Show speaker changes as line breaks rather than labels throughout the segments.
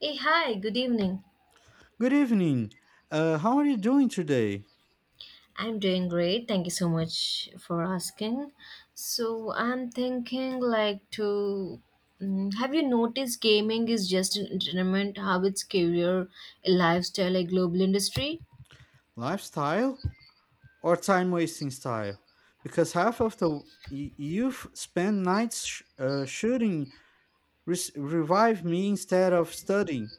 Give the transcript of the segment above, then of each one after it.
Hey, hi, good evening.
Good evening. How are you doing today?
I'm doing great. Thank you so much for asking. So, I'm thinking like to have you noticed gaming is just an entertainment, how it's career, a lifestyle, a global industry?
Lifestyle or time wasting style? Because half of the youth spend nights shooting, revive me instead of studying,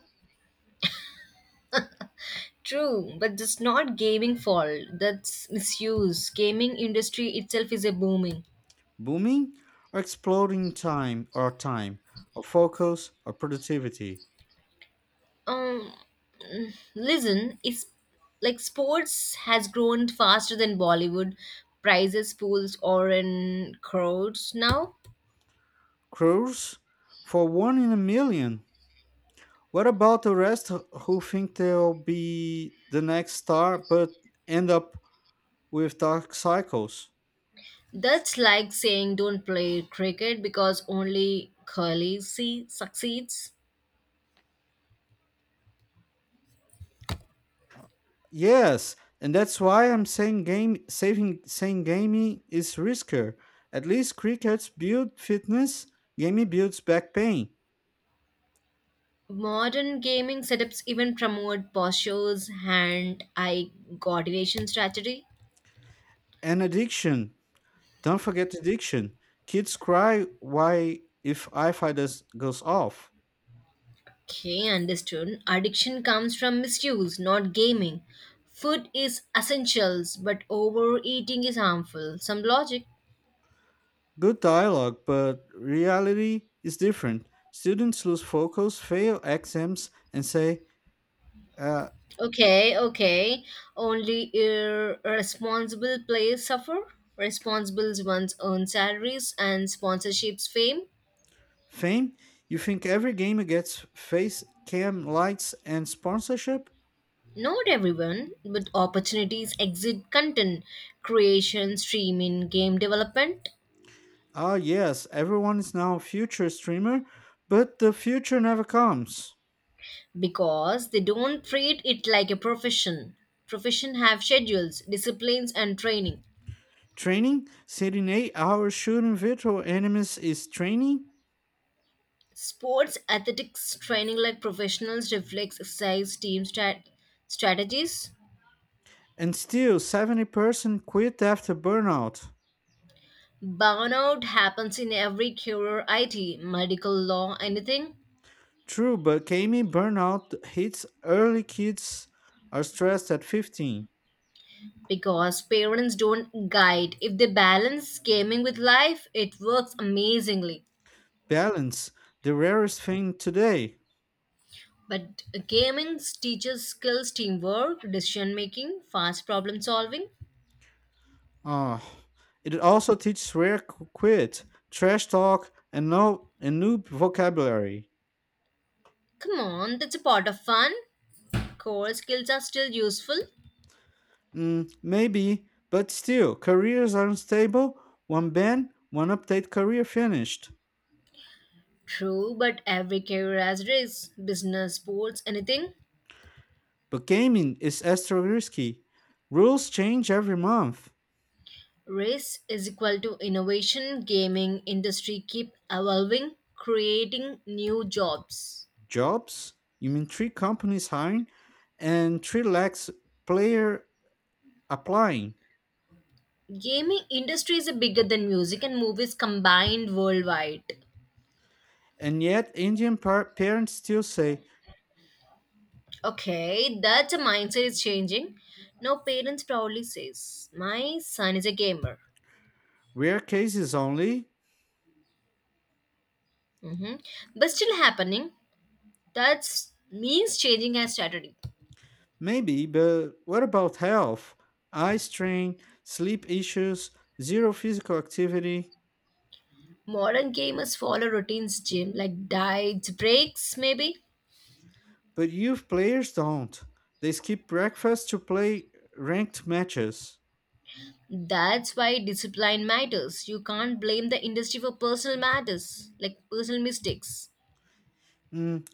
True, but that's not gaming fault. That's misuse. Gaming industry itself is a booming.
booming or exploding time or time, or focus or productivity.
Um, Listen, it's like sports has grown faster than Bollywood, prizes, pools, or in crowds now.
Cruise for one in a million. What about the rest who think they'll be the next star but end up with dark cycles?
That's like saying don't play cricket because only Curly C succeeds.
Yes, and that's why I'm saying game saving saying gaming is riskier. At least crickets build fitness, gaming builds back pain
Modern gaming setups even promote postures, hand eye coordination strategy.
and addiction. Don't forget addiction. Kids cry why if Wi-Fi does, goes off.
Okay, understood. Addiction comes from misuse, not gaming. Food is essentials, but overeating is harmful. Some logic.
Good dialogue, but reality is different. Students lose focus, fail exams, and say, uh,
Okay, okay. Only irresponsible players suffer. Responsible ones earn salaries and sponsorships fame.
"Fame? You think every gamer gets face cam lights and sponsorship?
Not everyone, with opportunities exit content creation, streaming, game development
Ah, yes, everyone is now a future streamer, but the future never comes.
because they don't treat it like a profession. Profession have schedules, disciplines and training.
Training, sitting 8 hours shooting virtual enemies is training,
Sports athletics training like professionals reflects exercise team strategies.
and still 70% quit after burnout.
Burnout happens in every career, IT, medical law, anything.
True, but gaming burnout hits early kids are stressed at 15.
Because parents don't guide. If they balance gaming with life, it works amazingly.
Balance, the rarest thing today.
But gaming teaches skills, teamwork, decision making, fast problem solving.
Ah, it also teaches rare quit, trash talk, and no and noob vocabulary.
Come on, that's a part of fun. Core skills are still useful.
Maybe, but still, careers are unstable. One ban, one update, career finished.
True, but every career has race, business, sports, anything.
But gaming is extra risky. Rules change every month.
Race is equal to innovation. Gaming industry keep evolving, creating new jobs.
Jobs, you mean three companies hiring, and three lakhs player applying.
Gaming industry is bigger than music and movies combined worldwide.
And yet, Indian parents still say
Okay, that mindset is changing. Now, parents proudly says, "My son is a gamer,"
rare cases only.
hmm, but still happening. That means changing has strategy.
Maybe, but what about health? Eye strain, sleep issues, zero physical activity.
Modern gamers follow routines, gym like diets, breaks, maybe.
But youth players don't. They skip breakfast to play ranked matches.
That's why discipline matters. You can't blame the industry for personal matters like personal mistakes.
Mm,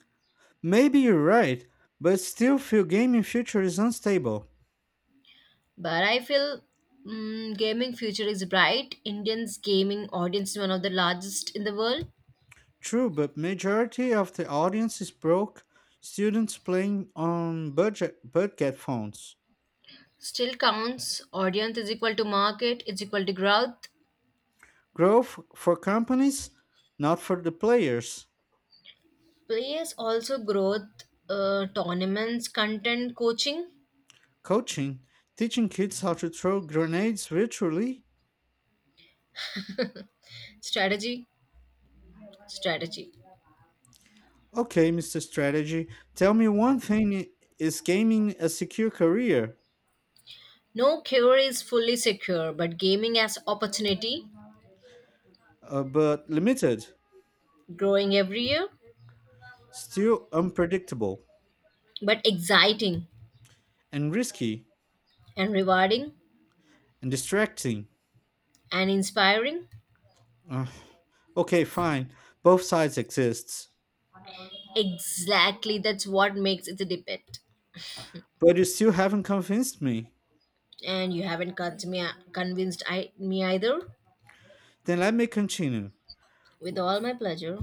maybe you're right, but still feel gaming future is unstable.
But I feel gaming future is bright. Indians gaming audience is one of the largest in the world.
True, but majority of the audience is broke students playing on budget phones.
Still counts audience is equal to market is equal to growth
Growth for companies, not for the players.
players also growth tournaments content coaching
Coaching, teaching kids how to throw grenades virtually.
strategy strategy.
Okay, Mr. Strategy, tell me one thing is gaming a secure career?
No cure is fully secure but gaming as opportunity
But limited,
growing every year
still unpredictable,
but exciting
and risky,
and rewarding
and distracting.
and inspiring
Uh, okay, fine. Both sides exists,
exactly that's what makes it a debate
but you still haven't convinced me.
and you haven't convinced me convinced me either
Then let me continue.
with all my pleasure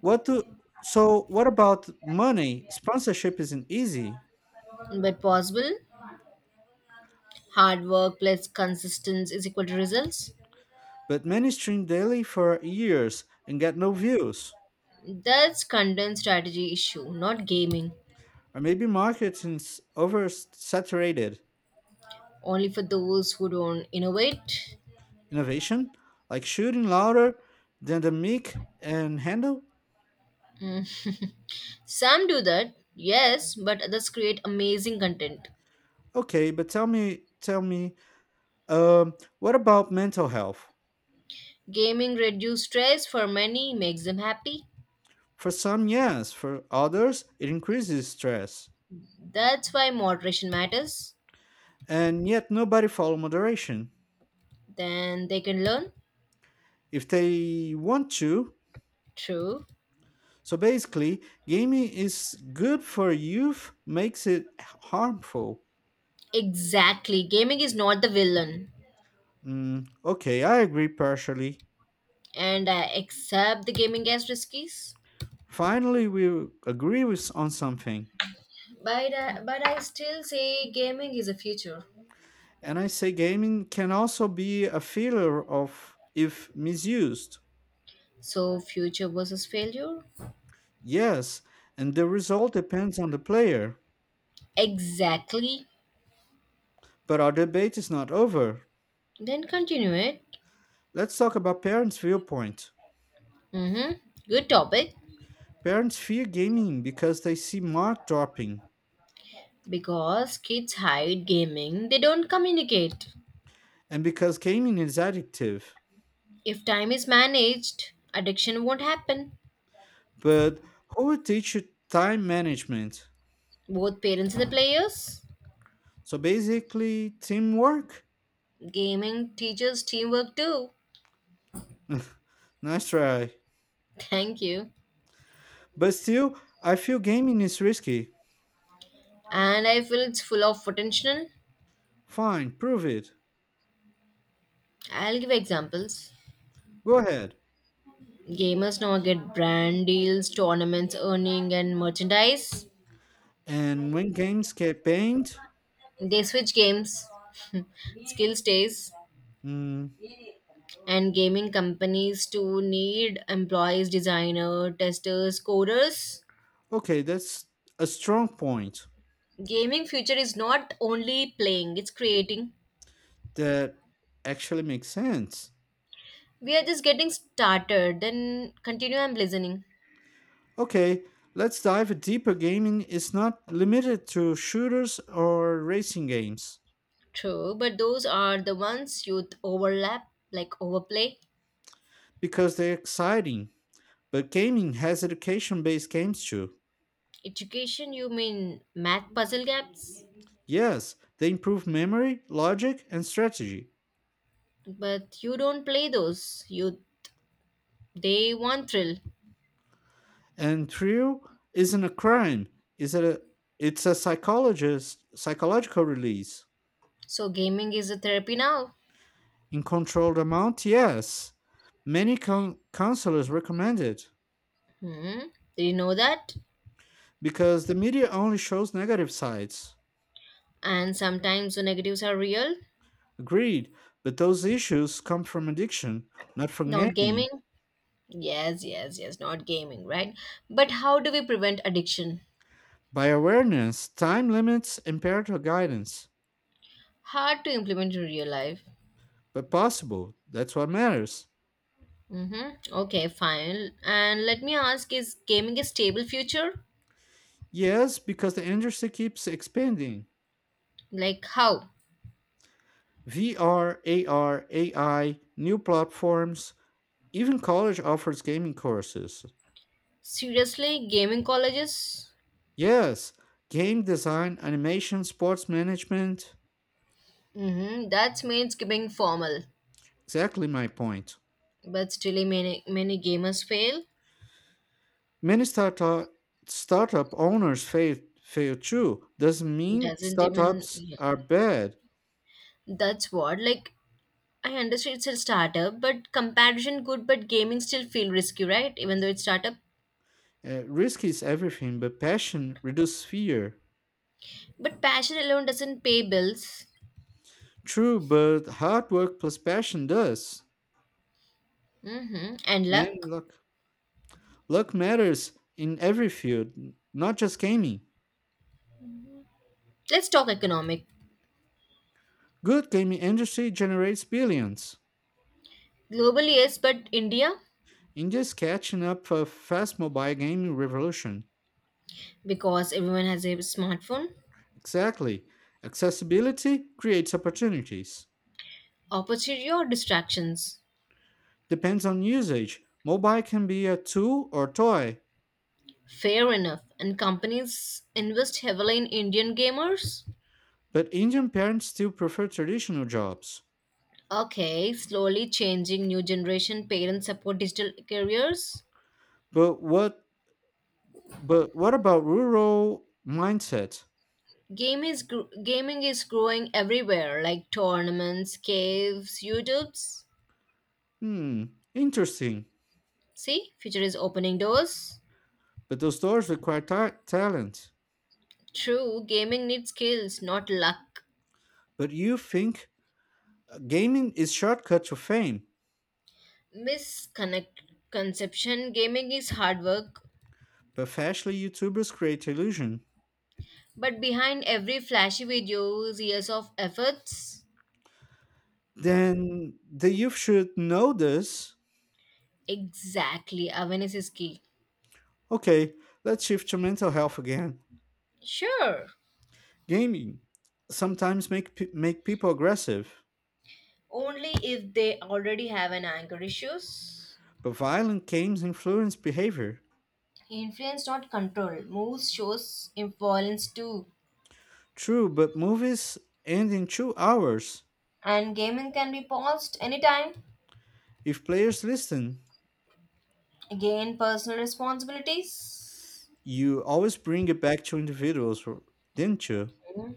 What do so? What about money? Sponsorship isn't easy,
but possible. Hard work plus consistency is equal to results.
but many stream daily for years and get no views,
That's content strategy issue, not gaming.
or maybe marketing's oversaturated.
Only for those who don't innovate.
Innovation, like shooting louder than the mic and handle.
Mm. Some do that, yes, but others create amazing content.
Okay, but tell me, um, what about mental health?
Gaming reduces stress for many, makes them happy.
For some, yes. For others, it increases stress.
That's why moderation matters.
And yet, nobody follow moderation
Then they can learn.
if they want to.
True.
So basically, gaming is good for youth, makes it harmful.
Exactly. Gaming is not the villain.
Okay, I agree partially.
And I accept the gaming as risky.
Finally, we agree with on something.
But I still say gaming is a future.
And I say gaming can also be a failure of if misused.
So future versus failure?
Yes, and the result depends on the player.
Exactly.
But our debate is not over.
Then continue it.
Let's talk about parents' viewpoint.
Mm-hmm. Good topic.
Parents fear gaming because they see mark dropping
Because kids hide gaming, they don't communicate.
and because gaming is addictive.
If time is managed, addiction won't happen.
But who would teach you time management?
Both parents and the players.
So basically, teamwork?
Gaming teaches teamwork too.
Nice try.
Thank you.
But still, I feel gaming is risky.
And I feel it's full of potential.
Fine, prove it.
I'll give examples.
Go ahead.
Gamers now get brand deals, tournaments, earning, and merchandise.
And when games get banned,
They switch games, skill stays,
mm,
and gaming companies to need employees, designer, testers, coders.
okay, that's a strong point.
Gaming future is not only playing; it's creating.
That actually makes sense.
We are just getting started. Then continue. I'm listening.
Okay, let's dive deeper. Gaming is not limited to shooters or racing games
True, but those are the ones youth overlap, like overplay.
because they're exciting, but gaming has education based games too.
Education, you mean math puzzle gaps?
Yes, they improve memory, logic, and strategy.
But you don't play those. You they want thrill.
And thrill isn't a crime, it's a, it's a psychological release.
So gaming is a therapy now.
In controlled amount, yes. Many counselors recommend it.
Hmm. Did you know that?
Because the media only shows negative sides.
And sometimes the negatives are real.
Agreed, but those issues come from addiction, not from
Not
gaming.
gaming. Yes, yes, yes. Not gaming, right? But how do we prevent addiction?
By awareness, time limits, and parental guidance.
Hard to implement in real life.
But possible, that's what matters.
Mm-hmm. Okay, fine. And let me ask: Is gaming a stable future?
Yes, because the industry keeps expanding.
Like how?
VR, AR, AI, new platforms, even college offers gaming courses.
Seriously, gaming colleges?
Yes, game design, animation, sports management.
Mm-hmm. That means being formal.
Exactly my point.
But still many gamers fail
Many startup owners fail too. Doesn't mean
doesn't even
startups
yeah.
are bad.
That's what like I understand it's a startup but comparison good but gaming still feel risky right even though it's startup
Risk is everything, but passion reduces fear.
but passion alone doesn't pay bills.
True, but hard work plus passion does.
Mm-hmm. And
And
luck
luck, luck matters in every field, not just gaming.
let's talk economic
Good gaming industry generates billions.
globally yes but India
India's catching up for fast mobile gaming revolution.
because everyone has a smartphone
Exactly, accessibility creates opportunities.
opportunity or distractions
Depends on usage. Mobile can be a tool or toy,
fair enough and companies invest heavily in indian gamers.
but Indian parents still prefer traditional jobs.
Okay, slowly changing new generation parents support digital careers.
But what but what about rural mindset?
Gaming is growing everywhere, like tournaments, caves, YouTubes.
Hmm, interesting.
See, future is opening doors.
But those doors require talent.
True, gaming needs skills, not luck.
But you think gaming is shortcut to fame,
Misconception: Gaming is hard work,
but fashionably YouTubers create illusion.
but behind every flashy video is years of efforts.
Then the youth should know this.
Exactly, awareness is key.
Okay, let's shift to mental health again.
Sure.
Gaming sometimes make people aggressive.
Only if they already have an anger issues.
But violent games influence behavior.
Influence, not control. Moves shows influence too.
True, but movies end in 2 hours.
And gaming can be paused anytime.
If players listen,
Again, personal responsibilities.
you always bring it back to individuals, didn't you?
Mhm.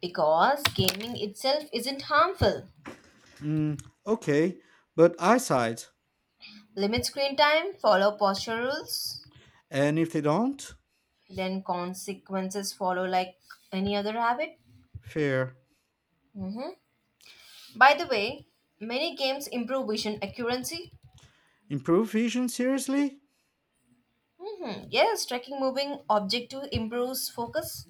Because gaming itself isn't harmful.
Okay, but eyesight.
Limit screen time, follow posture rules,
And if they don't?
then consequences follow like any other habit.
Fair.
Mhm. By the way, many games improve vision accuracy.
Improve vision seriously?
Mhm. Yes, tracking moving object to improves focus.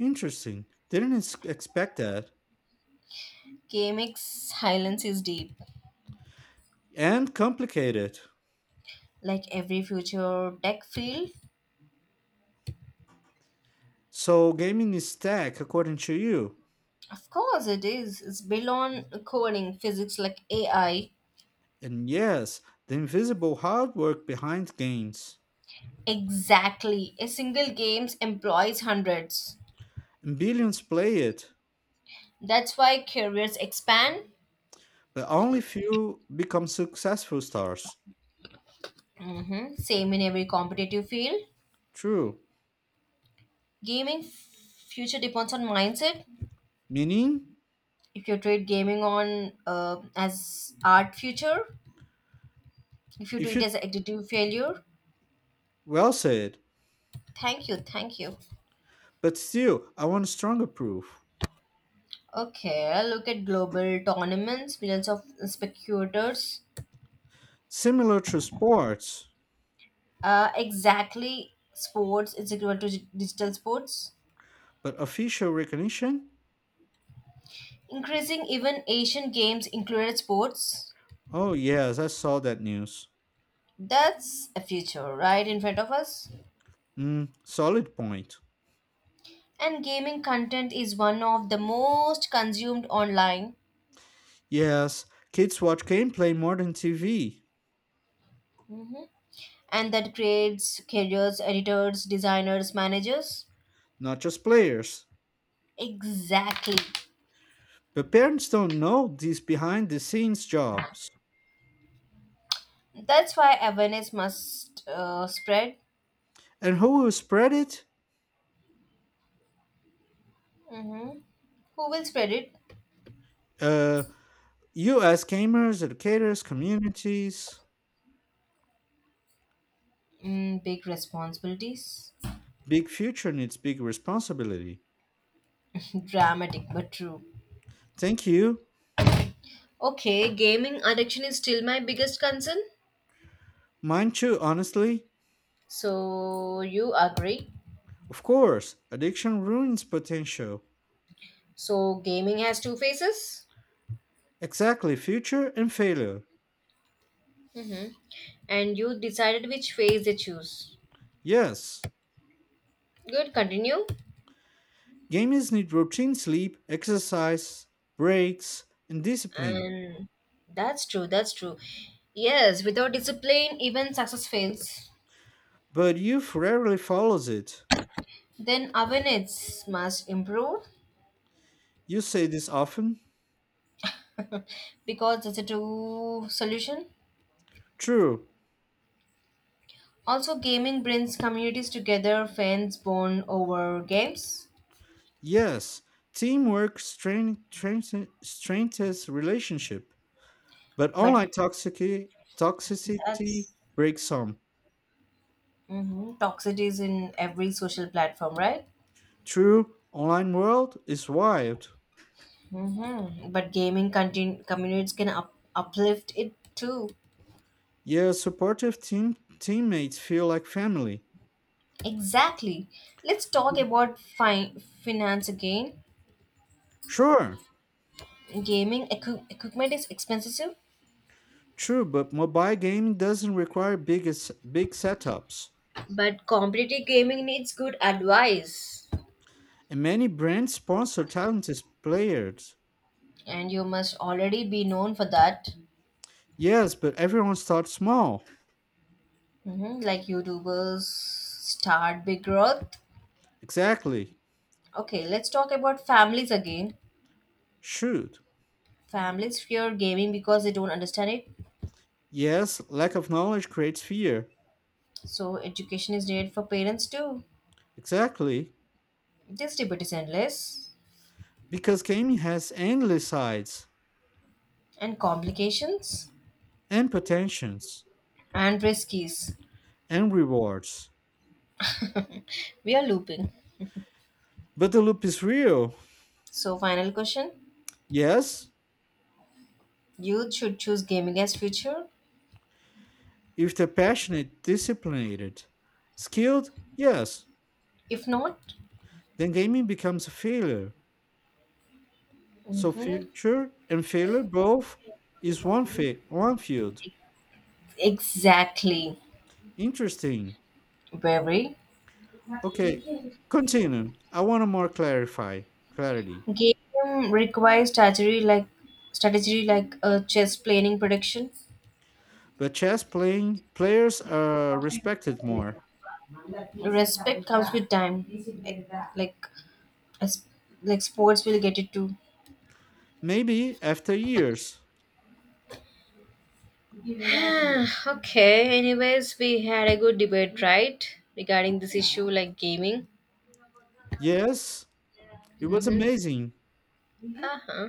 Interesting. Didn't expect that.
KMX silence is deep,
And complicated.
like every future tech field.
So gaming is tech, according to you.
Of course, it is. It's built on coding, physics like AI.
And yes, the invisible hard work behind games.
Exactly. A single games employs hundreds.
And billions play it.
That's why careers expand.
But only few become successful stars.
Hmm. Same in every competitive field.
True.
Future depends on mindset.
Meaning,
If you treat gaming on as art future, if you do
if
it
you
as additive failure,
well said,
thank you, thank you.
but still, I want stronger proof.
Okay, look at global tournaments, millions of spectators.
Similar to sports,
Exactly, sports is equal to digital sports.
but official recognition?
Increasing even Asian games included sports.
Oh, yes, I saw that news.
That's a future right in front of us.
Mm, solid point.
And gaming content is one of the most consumed online.
Yes, kids watch gameplay more than TV,
Mhm. And that creates careers, editors, designers, managers.
not just players.
Exactly.
But parents don't know these behind the scenes jobs.
That's why awareness must spread.
And who will spread it?
Mm-hmm. Who will spread it?
Uh, you as gamers, educators, communities.
Mm, big responsibilities.
Big future needs big responsibility.
Dramatic but true.
Thank you.
Okay, gaming addiction is still my biggest concern.
Mine too, honestly.
So you agree?
Of course, addiction ruins potential.
So, gaming has two phases,
Exactly, future and failure.
mm-hmm, and you decided which phase they choose.
Yes.
Good, continue.
Gamers need routine sleep, exercise, breaks, and discipline.
And that's true. Yes, without discipline, even success fails.
But youth rarely follows it.
Then awareness must improve
You say this often?
because that's a true solution.
True.
Also, gaming brings communities together, fans bond over games,
Yes. Teamwork strengthens relationship. But online
but
toxicity
that's
breaks some.
hmm toxicity is in every social platform, right?
True, online world is wild.
Hmm. But gaming communities can uplift it too.
Your supportive team teammates feel like family.
Exactly. Let's talk about finance again.
Sure,
Gaming equipment is expensive,
true, but mobile gaming doesn't require big setups,
but competitive gaming needs good advice,
and many brands sponsor talented players.
and you must already be known for that.
Yes, but everyone starts small.
Hmm. Like YouTubers start big growth.
Exactly.
Okay, let's talk about families again.
Shoot.
Families fear gaming because they don't understand it.
Yes, lack of knowledge creates fear.
So education is needed for parents too.
Exactly,
This debate is endless
because gaming has endless sides
and complications
and potentials
and riskies.
and rewards.
We are looping.
But the loop is real.
So final question:
Yes,
Youth should choose gaming as future.
if they're passionate, disciplined, skilled, yes,
If not,
then gaming becomes a failure. So
hmm
future and failure both is one field.
exactly,
Interesting.
very
Okay, continue. I want to more clarify clarity.
game requires strategy like chess planning prediction.
But chess playing players are respected more.
Respect comes with time. Like like as- like sports will get it too.
Maybe after years.
Okay, anyways, we had a good debate, right? Regarding this issue like gaming.
Yes, it was
Mm-hmm.
amazing.
Uh-huh.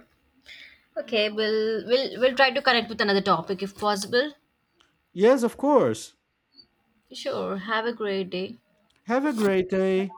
Okay, we'll try to connect with another topic if possible.
Yes, of course.
Sure. Have a great day.
Have a great day.